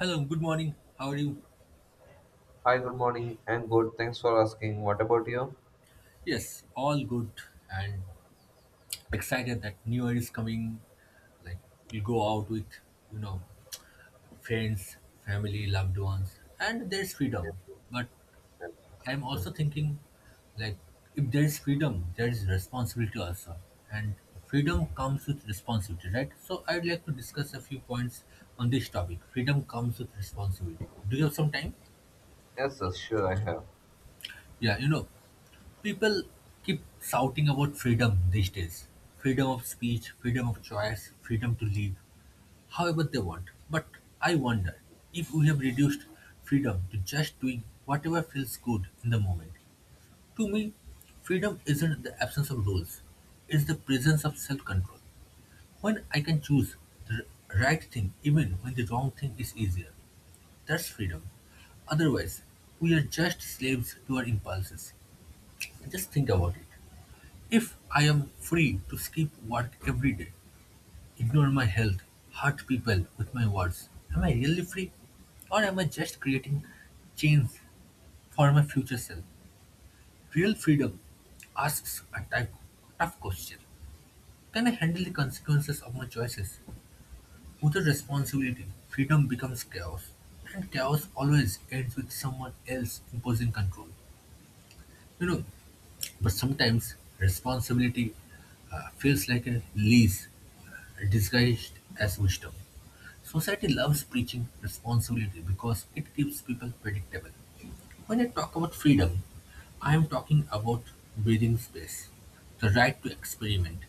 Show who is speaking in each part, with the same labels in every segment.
Speaker 1: Hello, good morning. How are you?
Speaker 2: Hi, good morning. I'm good. Thanks for asking. What about you?
Speaker 1: Yes, all good and excited that New Year is coming. Like, we go out with, you know, friends, family, loved ones, and there's freedom.
Speaker 2: Yes,
Speaker 1: But
Speaker 2: yes,
Speaker 1: I'm
Speaker 2: yes,
Speaker 1: also thinking like, if there's freedom, there's responsibility also. And freedom comes with responsibility, right? So I'd like to discuss a few points on this topic. Freedom comes with responsibility. Do you have some time?
Speaker 2: yes, sure, I have.
Speaker 1: Yeah, people keep shouting about freedom these days, freedom of speech, freedom of choice, freedom to live however they want. But I wonder if we have reduced freedom to just doing whatever feels good in the moment. To me, freedom isn't the absence of rules, it's the presence of self control. When I can choose the right thing even when the wrong thing is easier, that's freedom. Otherwise, we are just slaves to our impulses. Just think about it. If I am free to skip work every day, ignore my health, hurt people with my words, am I really free? Or am I just creating chains for my future self? Real freedom asks a type, tough question. Can I handle the consequences of my choices? Without responsibility, freedom becomes chaos. And chaos always ends with someone else imposing control. You know, But sometimes responsibility feels like a leash disguised as wisdom. Society loves preaching responsibility because it keeps people predictable. When I talk about freedom, I am talking about breathing space, the right to experiment,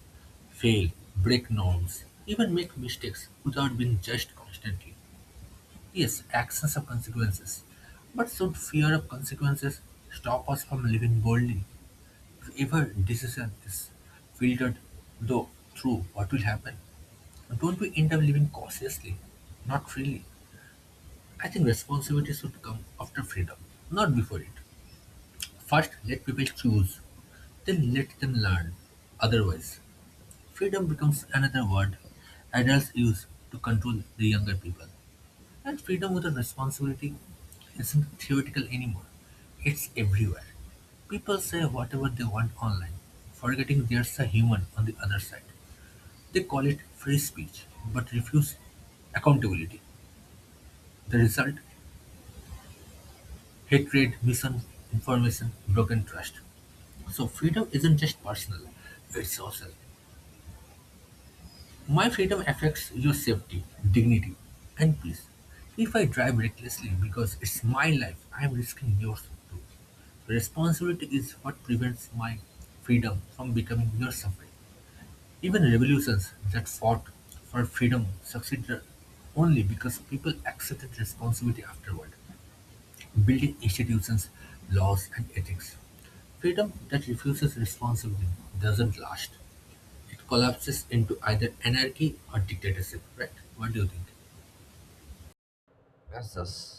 Speaker 1: fail, break norms, even make mistakes without being judged constantly. Yes, actions have consequences, but should fear of consequences stop us from living boldly? Every decision is filtered though through what will happen. Don't we end up living cautiously, not freely? I think responsibility should come after freedom, not before it. First, let people choose, then let them learn. Otherwise, freedom becomes another word adults use to control the younger people. And freedom without responsibility isn't theoretical anymore. It's everywhere. People say whatever they want online, forgetting there's a human on the other side. They call it free speech, but refuse accountability. The result? Hatred, misinformation, broken trust. So freedom isn't just personal, it's social. My freedom affects your safety, dignity, and peace. If I drive recklessly because it's my life, I'm risking yours too. Responsibility is what prevents my freedom from becoming your suffering. Even revolutions that fought for freedom succeeded only because people accepted responsibility afterward, building institutions, laws, and ethics. Freedom that refuses responsibility doesn't last, it collapses into either anarchy or dictatorship, right? What do you think?
Speaker 2: Yes, yes.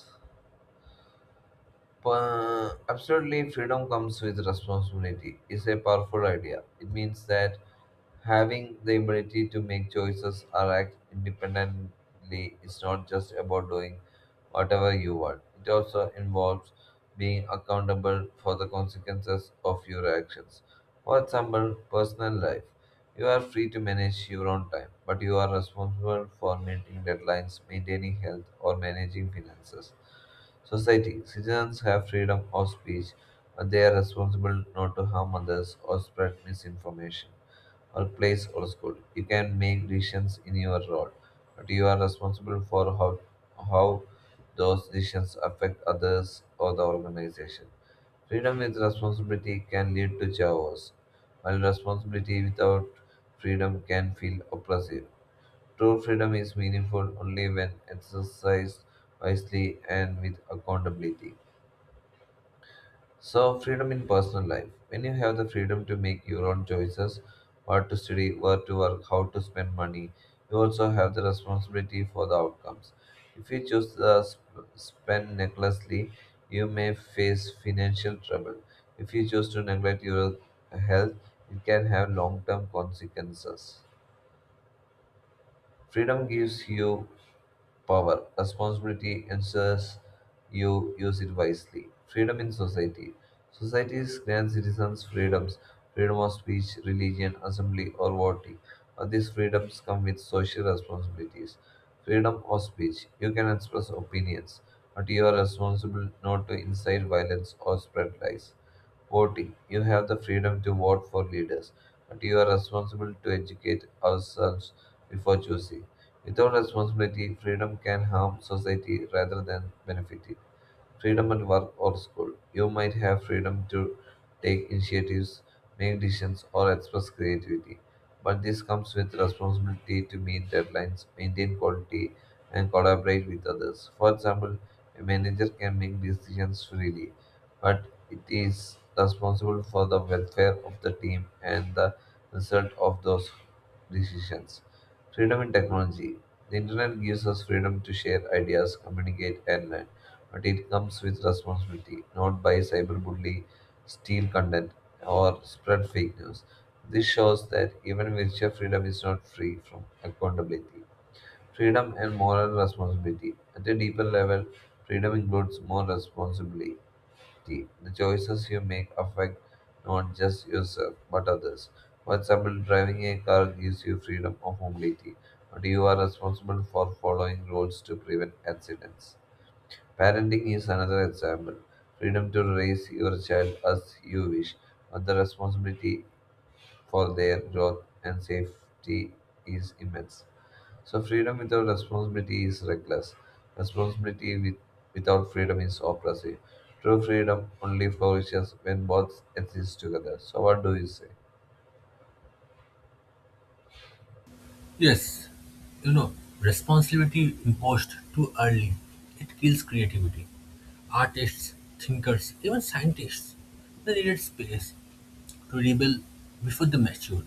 Speaker 2: Absolutely, freedom comes with responsibility. It's a powerful idea. It means that having the ability to make choices or act independently is not just about doing whatever you want. It also involves being accountable for the consequences of your actions. For example, personal life. You are free to manage your own time, but you are responsible for meeting deadlines, maintaining health, or managing finances. Society. Citizens have freedom of speech, but they are responsible not to harm others or spread misinformation or place or school. You can make decisions in your role, but you are responsible for how those decisions affect others or the organization. Freedom with responsibility can lead to chaos, while responsibility without freedom can feel oppressive. True freedom is meaningful only when exercised wisely and with accountability. So, freedom in personal life. When you have the freedom to make your own choices, what to study, where to work, how to spend money, you also have the responsibility for the outcomes. If you choose to spend recklessly, you may face financial trouble. If you choose to neglect your health, it can have long term consequences. Freedom gives you power. Responsibility ensures you use it wisely. Freedom in society. Societies grant citizens freedoms, freedom of speech, religion, assembly, or voting. But these freedoms come with social responsibilities. Freedom of speech. You can express opinions, but you are responsible not to incite violence or spread lies. Voting. You have the freedom to vote for leaders, but you are responsible to educate ourselves before choosing. Without responsibility, freedom can harm society rather than benefit it freedom at work or school. You might have freedom to take initiatives, make decisions, or express creativity. But this comes with responsibility to meet deadlines, maintain quality, and collaborate with others. For example, a manager can make decisions freely, but it is responsible for the welfare of the team and the result of those decisions. Freedom in technology. The internet gives us freedom to share ideas, communicate, and learn but it comes with responsibility. Not by cyberbully, steal content, or spread fake news. This shows that even virtual freedom is not free from accountability. Freedom and moral responsibility. At a deeper level, freedom includes more responsibility. The choices you make affect not just yourself but others. For example, driving a car gives you freedom of mobility, but you are responsible for following rules to prevent accidents. Parenting is another example. Freedom to raise your child as you wish, but the responsibility for their growth and safety is immense. So, freedom without responsibility is reckless. Responsibility with, without freedom is oppressive. True freedom only flourishes when both exist together. So, what do you say?
Speaker 1: Yes, you know, responsibility imposed too early, it kills creativity. Artists, thinkers, even scientists, they needed space to rebel before they matured.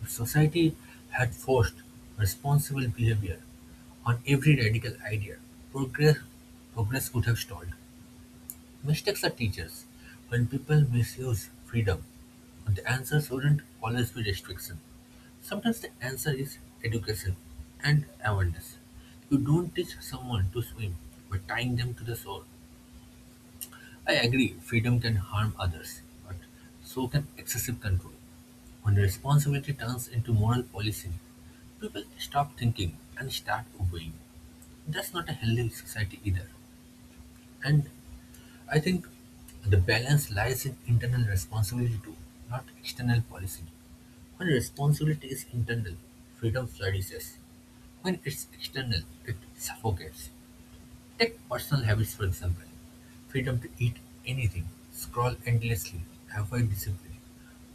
Speaker 1: If society had forced responsible behavior on every radical idea, progress, progress would have stalled. Mistakes are teachers. When people misuse freedom, the answer shouldn't always be restriction. Sometimes the answer is education and awareness. You don't teach someone to swim by tying them to the shore. I agree, freedom can harm others, but so can excessive control. When responsibility turns into moral policing, people stop thinking and start obeying. That's not a healthy society either. And I think the balance lies in internal responsibility too, not external policy. When responsibility is internal, freedom flourishes. When it's external, it suffocates. Take personal habits, for example, freedom to eat anything, scroll endlessly, avoid discipline.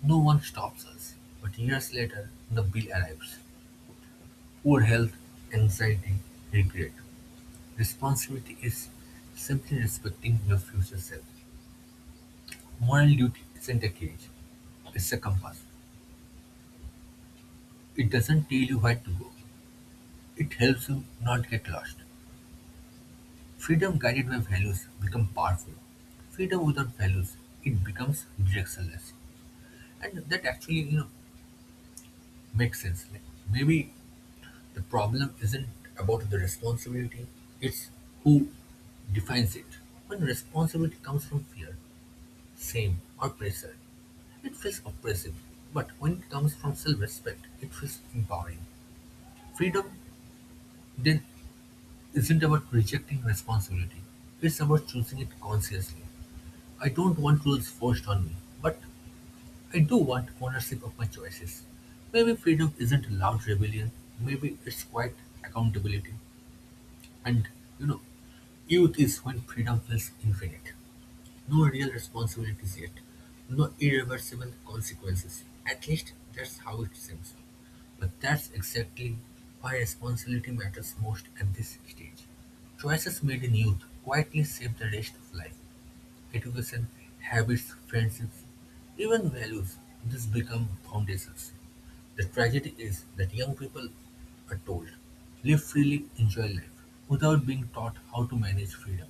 Speaker 1: No one stops us, but years later, the bill arrives. Poor health, anxiety, regret. Responsibility is simply respecting your future self. Moral duty isn't a cage, it's a compass. It doesn't tell you where to go. It helps you not get lost. Freedom guided by values becomes powerful. Freedom without values, it becomes directionless. And that actually, makes sense. Like, maybe the problem isn't about the responsibility, it's who defines it. When responsibility comes from fear, shame, or pressure, it feels oppressive. But when it comes from self respect, it feels empowering. Freedom Death isn't about rejecting responsibility, it's about choosing it consciously. I don't want rules forced on me, but I do want ownership of my choices. Maybe freedom isn't loud rebellion, maybe it's quiet accountability. And you know, youth is when freedom feels infinite. No real responsibilities yet. No irreversible consequences. At least that's how it seems. But that's exactly why responsibility matters most at this stage. Choices made in youth quietly shape the rest of life. Education, habits, friendships, even values, these become foundations. The tragedy is that young people are told, live freely, enjoy life, without being taught how to manage freedom.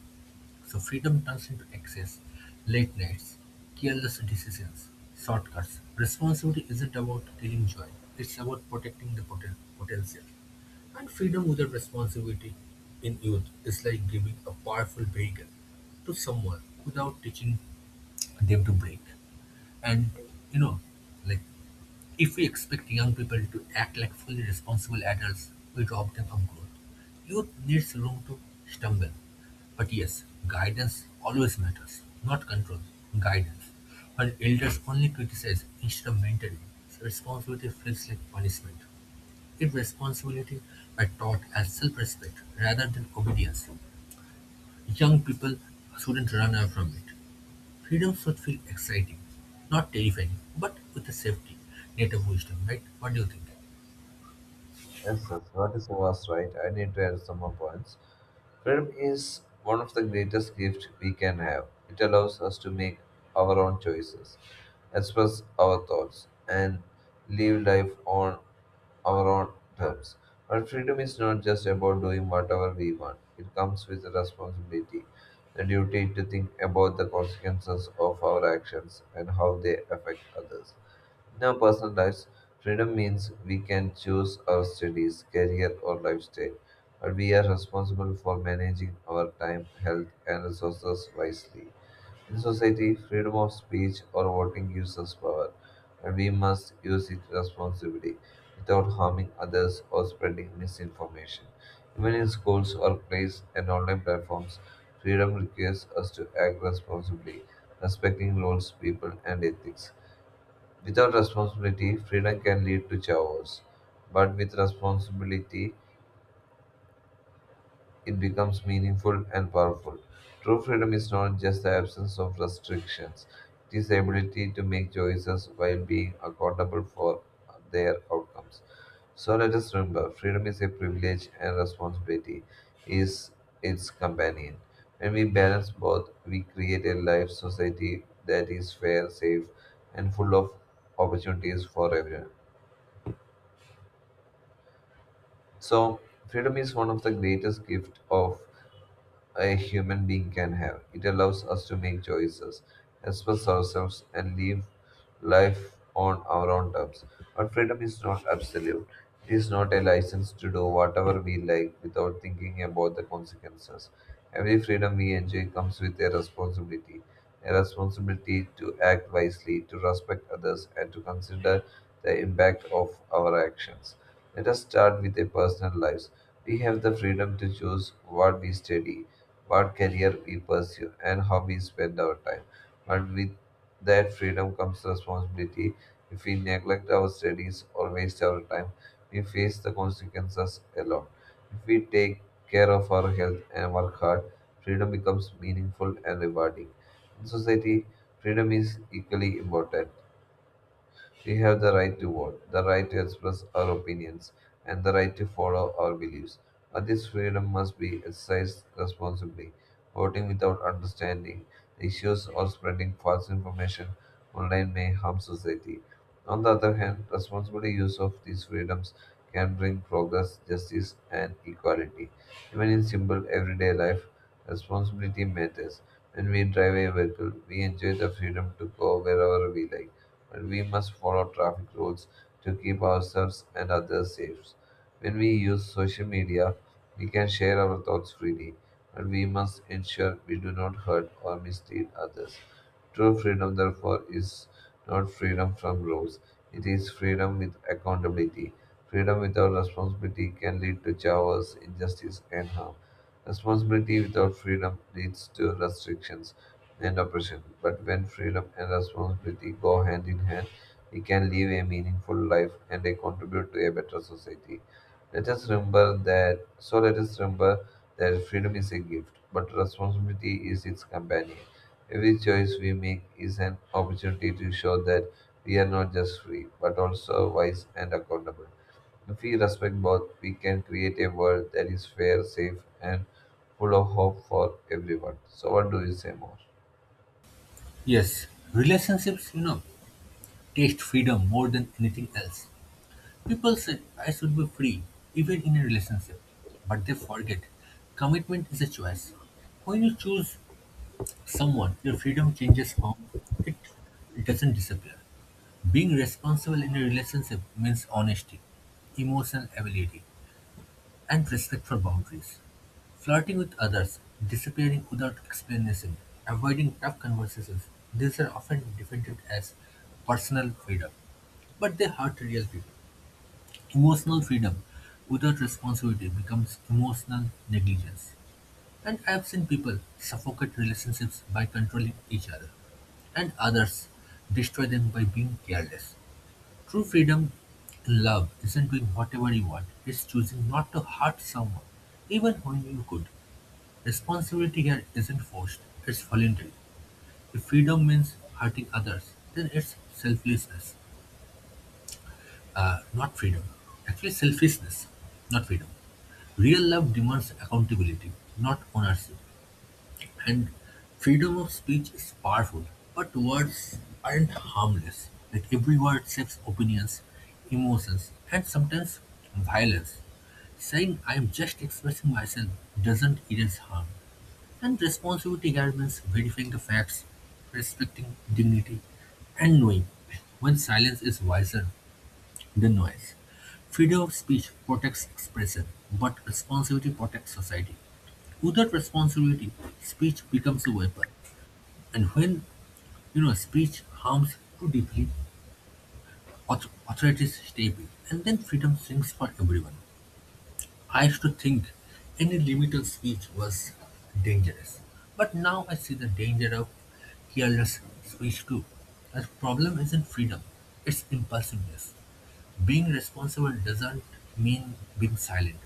Speaker 1: So freedom turns into excess, late nights, careless decisions, shortcuts. Responsibility isn't about killing joy, it's about protecting the potential. And freedom without responsibility in youth is like giving a powerful vehicle to someone without teaching them to brake. And you know, like, if we expect young people to act like fully responsible adults, we rob them of growth. Youth needs room to stumble. But yes, guidance always matters, not control, guidance. When elders only criticize instead of mentoring, responsibility feels like punishment. If responsibility were taught as self respect rather than obedience, young people shouldn't run away from it. Freedom should feel exciting, not terrifying, but with a safety, net of wisdom, right? What do you think?
Speaker 2: Yes, that's what is was right. I need to add some more points. Freedom is one of the greatest gifts we can have. It allows us to make our own choices, express our thoughts, and live life on our own terms. But freedom is not just about doing whatever we want. It comes with a responsibility, the duty to think about the consequences of our actions and how they affect others. Now, personal lives, freedom means we can choose our studies, career, or lifestyle, but we are responsible for managing our time, health, and resources wisely. In society, freedom of speech or voting gives us power, and we must use it responsibly without harming others or spreading misinformation. Even in schools, workplaces, and online platforms, freedom requires us to act responsibly, respecting rules, people, and ethics. Without responsibility, freedom can lead to chaos, but with responsibility, it becomes meaningful and powerful. True freedom is not just the absence of restrictions, it is the ability to make choices while being accountable for their outcomes. So let us remember freedom is a privilege and responsibility is its companion. When we balance both, we create a life society that is fair, safe, and full of opportunities for everyone. So, freedom is one of the greatest gifts of a human being can have. It allows us to make choices, express ourselves, and live life on our own terms. But freedom is not absolute. It is not a license to do whatever we like without thinking about the consequences. Every freedom we enjoy comes with a responsibility. A responsibility to act wisely, to respect others, and to consider the impact of our actions. Let us start with our personal lives. We have the freedom to choose what we study, what career we pursue, and how we spend our time. But with that freedom comes responsibility. If we neglect our studies or waste our time, we face the consequences alone. If we take care of our health and work hard, freedom becomes meaningful and rewarding. In society, freedom is equally important. We have the right to vote, the right to express our opinions, and the right to follow our beliefs. But this freedom must be exercised responsibly. Voting without understanding the issues or spreading false information online may harm society. On the other hand, responsible use of these freedoms can bring progress, justice, and equality. Even in simple everyday life, responsibility matters. When we drive a vehicle, we enjoy the freedom to go wherever we like but we must follow traffic rules to keep ourselves and others safe. When we use social media, we can share our thoughts freely, but we must ensure we do not hurt or mislead others. True freedom, therefore, is not freedom from rules, it is freedom with accountability. Freedom without responsibility can lead to chaos, injustice, and harm. Responsibility without freedom leads to restrictions and oppression. But when freedom and responsibility go hand in hand, we can live a meaningful life and they contribute to a better society. Let us remember that so let us remember that freedom is a gift, but responsibility is its companion. Every choice we make is an opportunity to show that we are not just free, but also wise and accountable. If we respect both, we can create a world that is fair, safe, and full of hope for everyone. So, what do you say more?
Speaker 1: Yes, relationships, taste freedom more than anything else. People say I should be free, even in a relationship, but they forget commitment is a choice. When you choose someone, your freedom changes form, it doesn't disappear. Being responsible in a relationship means honesty, emotional ability, and respect for boundaries. Flirting with others, disappearing without explanation, avoiding tough conversations, these are often defended as personal freedom. But they hurt real people. Emotional freedom without responsibility becomes emotional negligence. And I have seen people suffocate relationships by controlling each other, and others destroy them by being careless. True freedom in love isn't doing whatever you want, it's choosing not to hurt someone, even when you could. Responsibility here isn't forced, it's voluntary. If freedom means hurting others, then it's selflessness, not freedom. Actually, selfishness, not freedom. Real love demands accountability, not ownership. And freedom of speech is powerful, but words aren't harmless. Like every word shapes opinions, emotions, and sometimes violence. Saying I'm just expressing myself doesn't erase harm. And responsibility means verifying the facts, respecting dignity, and knowing when silence is wiser than noise. Freedom of speech protects expression, but responsibility protects society. Without responsibility, speech becomes a weapon. And when speech harms too deeply, authorities step in, and then freedom shrinks for everyone. I used to think any limit on speech was dangerous, but now I see the danger of careless speech too. The problem isn't freedom; it's impulsiveness. Being responsible doesn't mean being silent.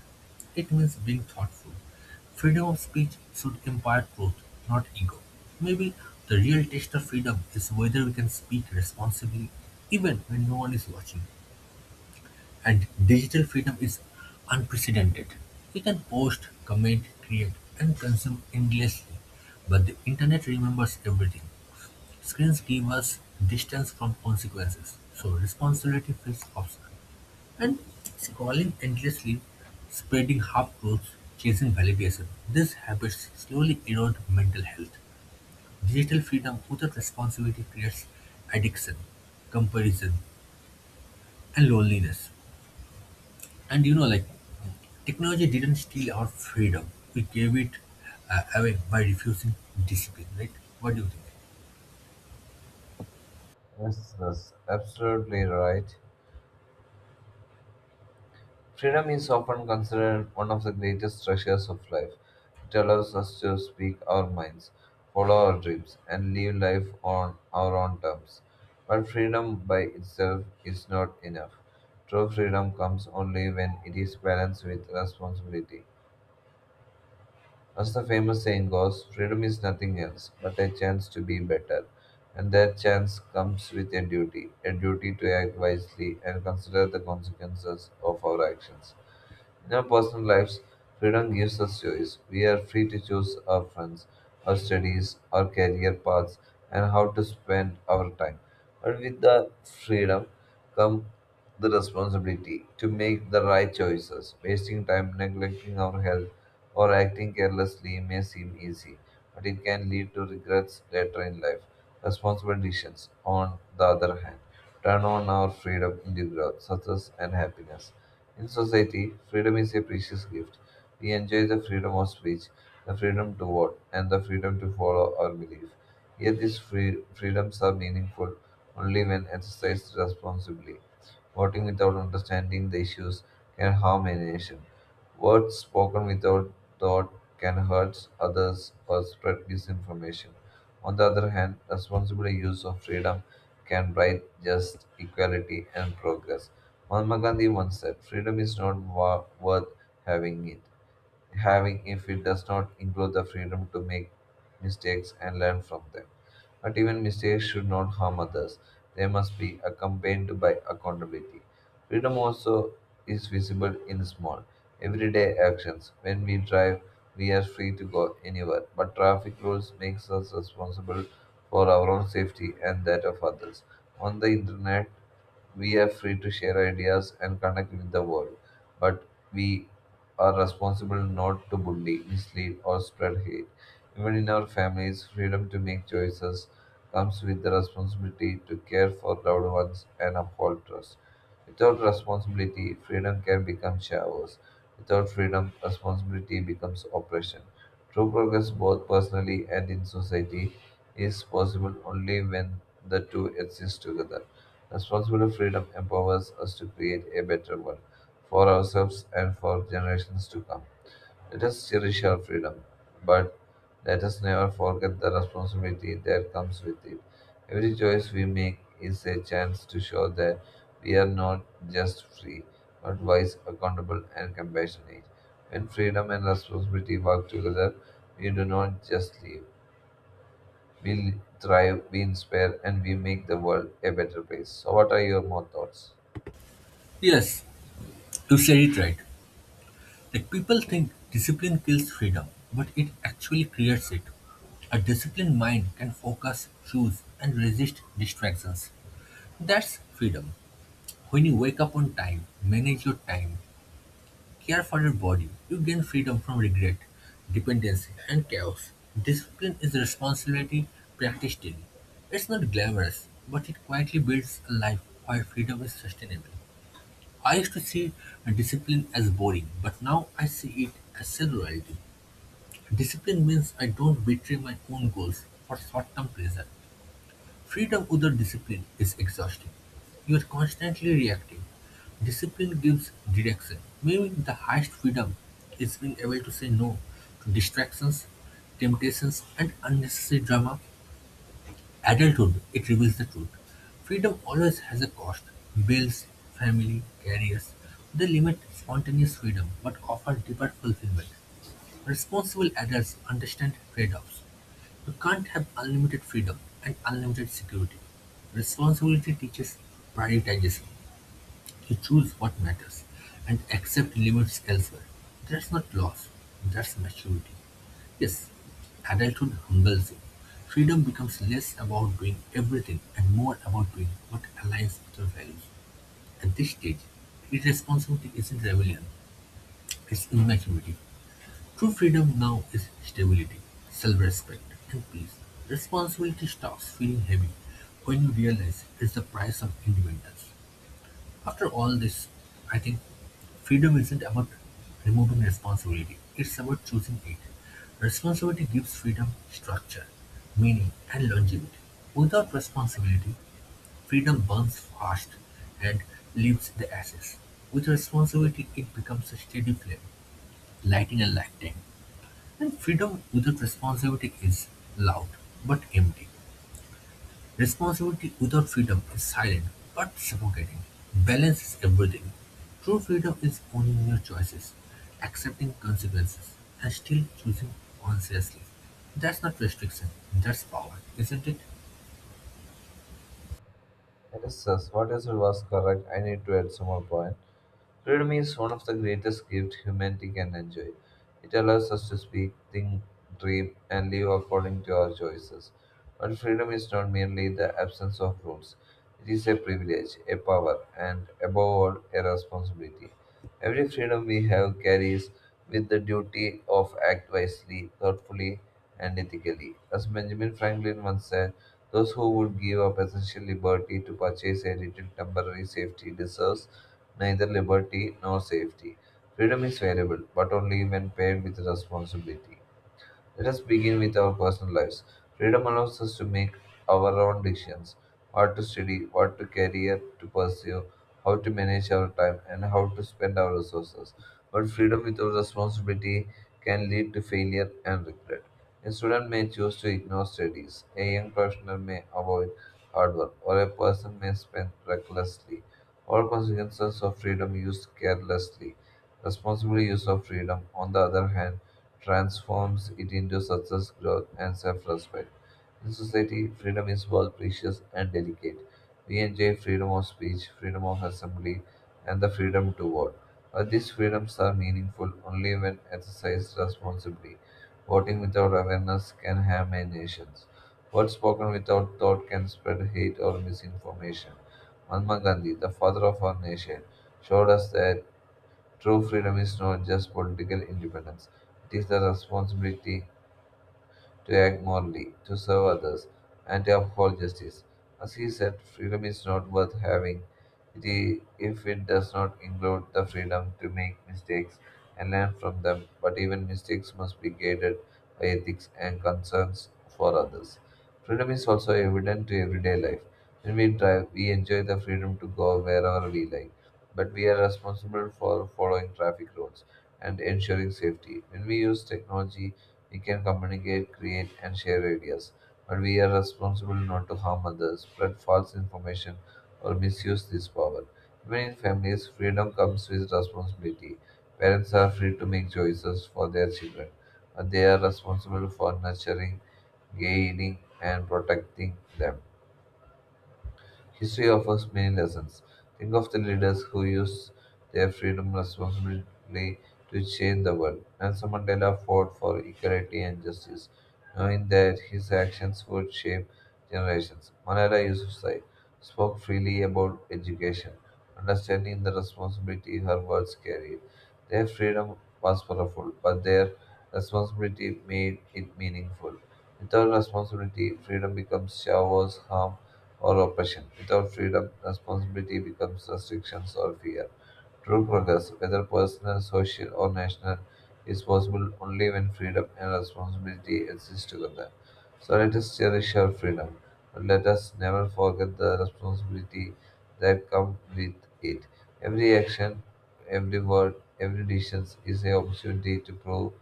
Speaker 1: It means being thoughtful. Freedom of speech should impart truth, not ego. Maybe the real test of freedom is whether we can speak responsibly even when no one is watching. And digital freedom is unprecedented. We can post, comment, create, and consume endlessly, but the internet remembers everything. Screens give us distance from consequences, so responsibility feels optional. And scrolling endlessly, spreading half-truths, chasing validation. These habits slowly erode mental health. Digital freedom without responsibility creates addiction, comparison, and loneliness. And technology didn't steal our freedom. We gave it away by refusing discipline, right? What do you think?
Speaker 2: Yes, that's absolutely right. Freedom is often considered one of the greatest treasures of life. It allows us to speak our minds, follow our dreams, and live life on our own terms. But freedom by itself is not enough. True freedom comes only when it is balanced with responsibility. As the famous saying goes, freedom is nothing else but a chance to be better. And that chance comes with a duty to act wisely and consider the consequences of our actions. In our personal lives, freedom gives us choice. We are free to choose our friends, our studies, our career paths, and how to spend our time. But with the freedom comes the responsibility to make the right choices. Wasting time, neglecting our health, or acting carelessly may seem easy, but it can lead to regrets later in life. Responsible decisions, on the other hand, turn on our freedom into growth, success, and happiness. In society, freedom is a precious gift. We enjoy the freedom of speech, the freedom to vote, and the freedom to follow our belief. Yet these freedoms are meaningful only when exercised responsibly. Voting without understanding the issues can harm a nation. Words spoken without thought can hurt others or spread misinformation. On the other hand, responsible use of freedom can bring just equality and progress. Mahatma Gandhi once said, "Freedom is not worth having it having if it does not include the freedom to make mistakes and learn from them." But even mistakes should not harm others. They must be accompanied by accountability. Freedom also is visible in small, everyday actions. When we drive, we are free to go anywhere, but traffic rules makes us responsible for our own safety and that of others. On the internet, we are free to share ideas and connect with the world, but we are responsible not to bully, mislead, or spread hate. Even in our families, freedom to make choices comes with the responsibility to care for loved ones and uphold trust. Without responsibility, freedom can become shallows. Without freedom, responsibility becomes oppression. True progress, both personally and in society, is possible only when the two exist together. Responsible freedom empowers us to create a better world for ourselves and for generations to come. Let us cherish our freedom, but let us never forget the responsibility that comes with it. Every choice we make is a chance to show that we are not just free, but wise, accountable, and compassionate. When freedom and responsibility work together, we do not just live. We thrive, we inspire, and we make the world a better place. So, what are your more thoughts?
Speaker 1: Yes, you said it right. Like people think discipline kills freedom, but it actually creates it. A disciplined mind can focus, choose, and resist distractions. That's freedom. When you wake up on time, manage your time, care for your body, you gain freedom from regret, dependency, and chaos. Discipline is a responsibility practiced daily. It's not glamorous, but it quietly builds a life where freedom is sustainable. I used to see discipline as boring, but now I see it as self-loyalty. Discipline means I don't betray my own goals for short-term pleasure. Freedom without discipline is exhausting. You are constantly reacting. Discipline gives direction. Maybe the highest freedom is being able to say no to distractions, temptations, and unnecessary drama. Adulthood, it reveals the truth. Freedom always has a cost. Bills, family, careers, they limit spontaneous freedom but offer deeper fulfillment. Responsible adults understand trade-offs: you can't have unlimited freedom and unlimited security. Responsibility teaches prioritization. You choose what matters and accept limits elsewhere. That's not loss, that's maturity. Yes, adulthood humbles you. Freedom becomes less about doing everything and more about doing what aligns with your values. At this stage, irresponsibility isn't rebellion, it's immaturity. True freedom now is stability, self-respect, and peace. Responsibility stops feeling heavy when you realize it's the price of independence. After all this, I think freedom isn't about removing responsibility, it's about choosing it. Responsibility gives freedom structure, meaning, and longevity. Without responsibility, freedom burns fast and leaves the ashes. With responsibility, it becomes a steady flame, lighting a lifetime. And freedom without responsibility is loud but empty. Responsibility without freedom is silent but suffocating. Balance is everything. True freedom is owning your choices, accepting consequences, and still choosing consciously. That's not restriction, that's power, isn't it?
Speaker 2: That is us. What is was correct? I need to add some more point. Freedom is one of the greatest gifts humanity can enjoy. It allows us to speak, think, dream, and live according to our choices. But freedom is not merely the absence of rules, it is a privilege, a power, and above all, a responsibility. Every freedom we have carries with the duty of act wisely, thoughtfully, and ethically. As Benjamin Franklin once said, those who would give up essential liberty to purchase a little temporary safety deserve neither liberty nor safety. Freedom is variable, but only when paired with responsibility. Let us begin with our personal lives. Freedom allows us to make our own decisions, what to study, what to career to pursue, how to manage our time, and how to spend our resources. But freedom without responsibility can lead to failure and regret. A student may choose to ignore studies, a young professional may avoid hard work, or a person may spend recklessly. All consequences of freedom used carelessly. Responsible use of freedom, on the other hand, transforms it into success, growth, and self respect. In society, freedom is both precious and delicate. We enjoy freedom of speech, freedom of assembly, and the freedom to vote. But these freedoms are meaningful only when exercised responsibly. Voting without awareness can harm a nation. Words spoken without thought can spread hate or misinformation. Mahatma Gandhi, the father of our nation, showed us that true freedom is not just political independence, it is the responsibility to act morally, to serve others, and to uphold justice. As he said, freedom is not worth having it i- if it does not include the freedom to make mistakes and learn from them, but even mistakes must be guided by ethics and concerns for others. Freedom is also evident to everyday life. When we drive, we enjoy the freedom to go wherever we like, but we are responsible for following traffic rules and ensuring safety. When we use technology, we can communicate, create, and share ideas, but we are responsible not to harm others, spread false information, or misuse this power. Even in families, freedom comes with responsibility. Parents are free to make choices for their children, but they are responsible for nurturing, guiding, and protecting them. History offers many lessons. Think of the leaders who used their freedom responsibly to change the world. Nelson Mandela fought for equality and justice, knowing that his actions would shape generations. Malala Yousafzai spoke freely about education, understanding the responsibility her words carried. Their freedom was powerful, but their responsibility made it meaningful. Without responsibility, freedom becomes shallow, harm, or oppression. Without freedom, responsibility becomes restrictions or fear. True progress, whether personal, social, or national, is possible only when freedom and responsibility exist together. So let us cherish our freedom, but let us never forget the responsibility that comes with it. Every action, every word, every decision is an opportunity to prove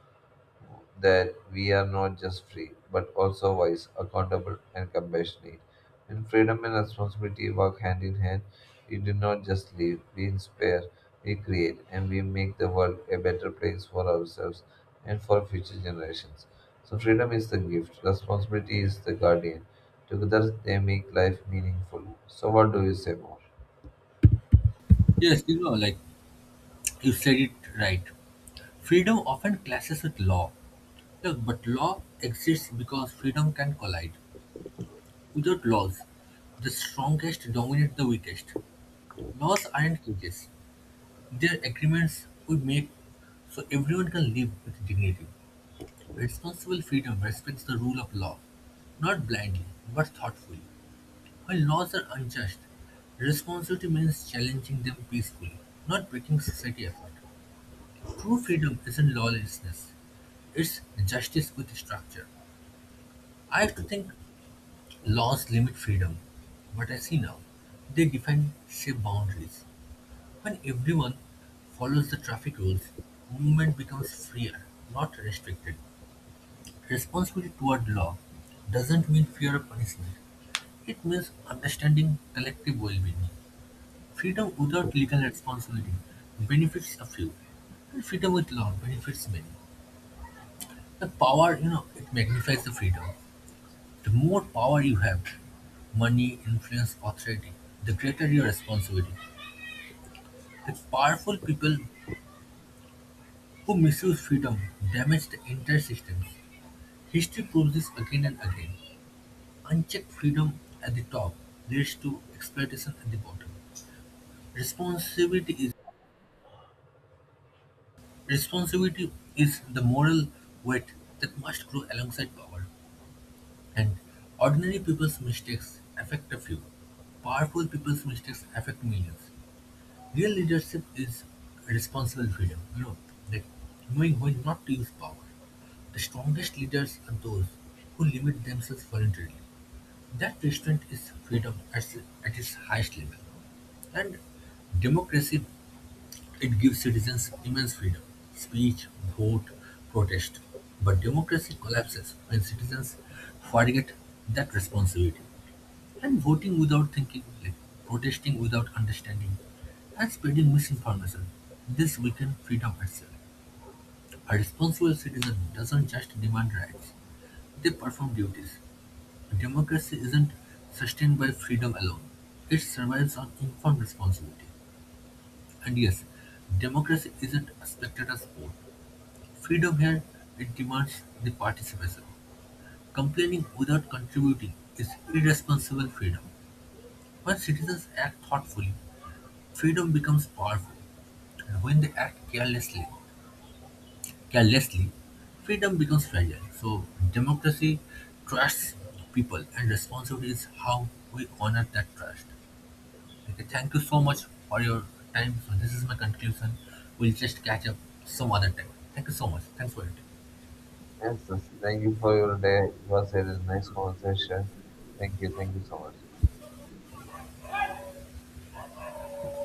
Speaker 2: that we are not just free, but also wise, accountable, and compassionate. When freedom and responsibility work hand in hand, we do not just live, we inspire, we create, and we make the world a better place for ourselves and for future generations. So, freedom is the gift, responsibility is the guardian. Together, they make life meaningful. So, what do you say more?
Speaker 1: Yes, like you said it right. Freedom often clashes with law. Look, but law exists because freedom can collide. Without laws, the strongest dominate the weakest. Laws aren't cages, they're agreements we make so everyone can live with dignity. Responsible freedom respects the rule of law, not blindly, but thoughtfully. While laws are unjust, responsibility means challenging them peacefully, not breaking society apart. True freedom isn't lawlessness, it's justice with structure. I used to think laws limit freedom, but I see now they define safe boundaries. When everyone follows the traffic rules, movement becomes freer, not restricted. Responsibility toward law doesn't mean fear of punishment. It means understanding collective well-being. Freedom without legal responsibility benefits a few, and freedom with law benefits many. The power, it magnifies the freedom. The more power you have, money, influence, authority, the greater your responsibility. The powerful people who misuse freedom damage the entire systems. History proves this again and again. Unchecked freedom at the top leads to exploitation at the bottom. Responsibility is Responsibility is the moral weight that must grow alongside power. And ordinary people's mistakes affect a few. Powerful people's mistakes affect millions. Real leadership is responsible freedom, like knowing when not to use power. The strongest leaders are those who limit themselves voluntarily. That restraint is freedom at its highest level. And democracy, it gives citizens immense freedom, speech, vote, protest. But democracy collapses when citizens forget that responsibility and voting without thinking, like protesting without understanding, and spreading misinformation. This weaken freedom itself. A responsible citizen doesn't just demand rights, they perform duties. Democracy isn't sustained by freedom alone. It survives on informed responsibility. And yes, democracy isn't a spectator sport. Freedom here it demands the participation. Complaining without contributing is irresponsible freedom. When citizens act thoughtfully, freedom becomes powerful, and when they act carelessly, freedom becomes fragile. So democracy trusts the people, and responsibility is how we honor that trust. Okay, thank you so much for your time. So this is my conclusion. We'll just catch up some other time. Thank you so much. Thanks for it.
Speaker 2: Yes, yes, thank you for your day. It was a nice conversation. Thank you so much.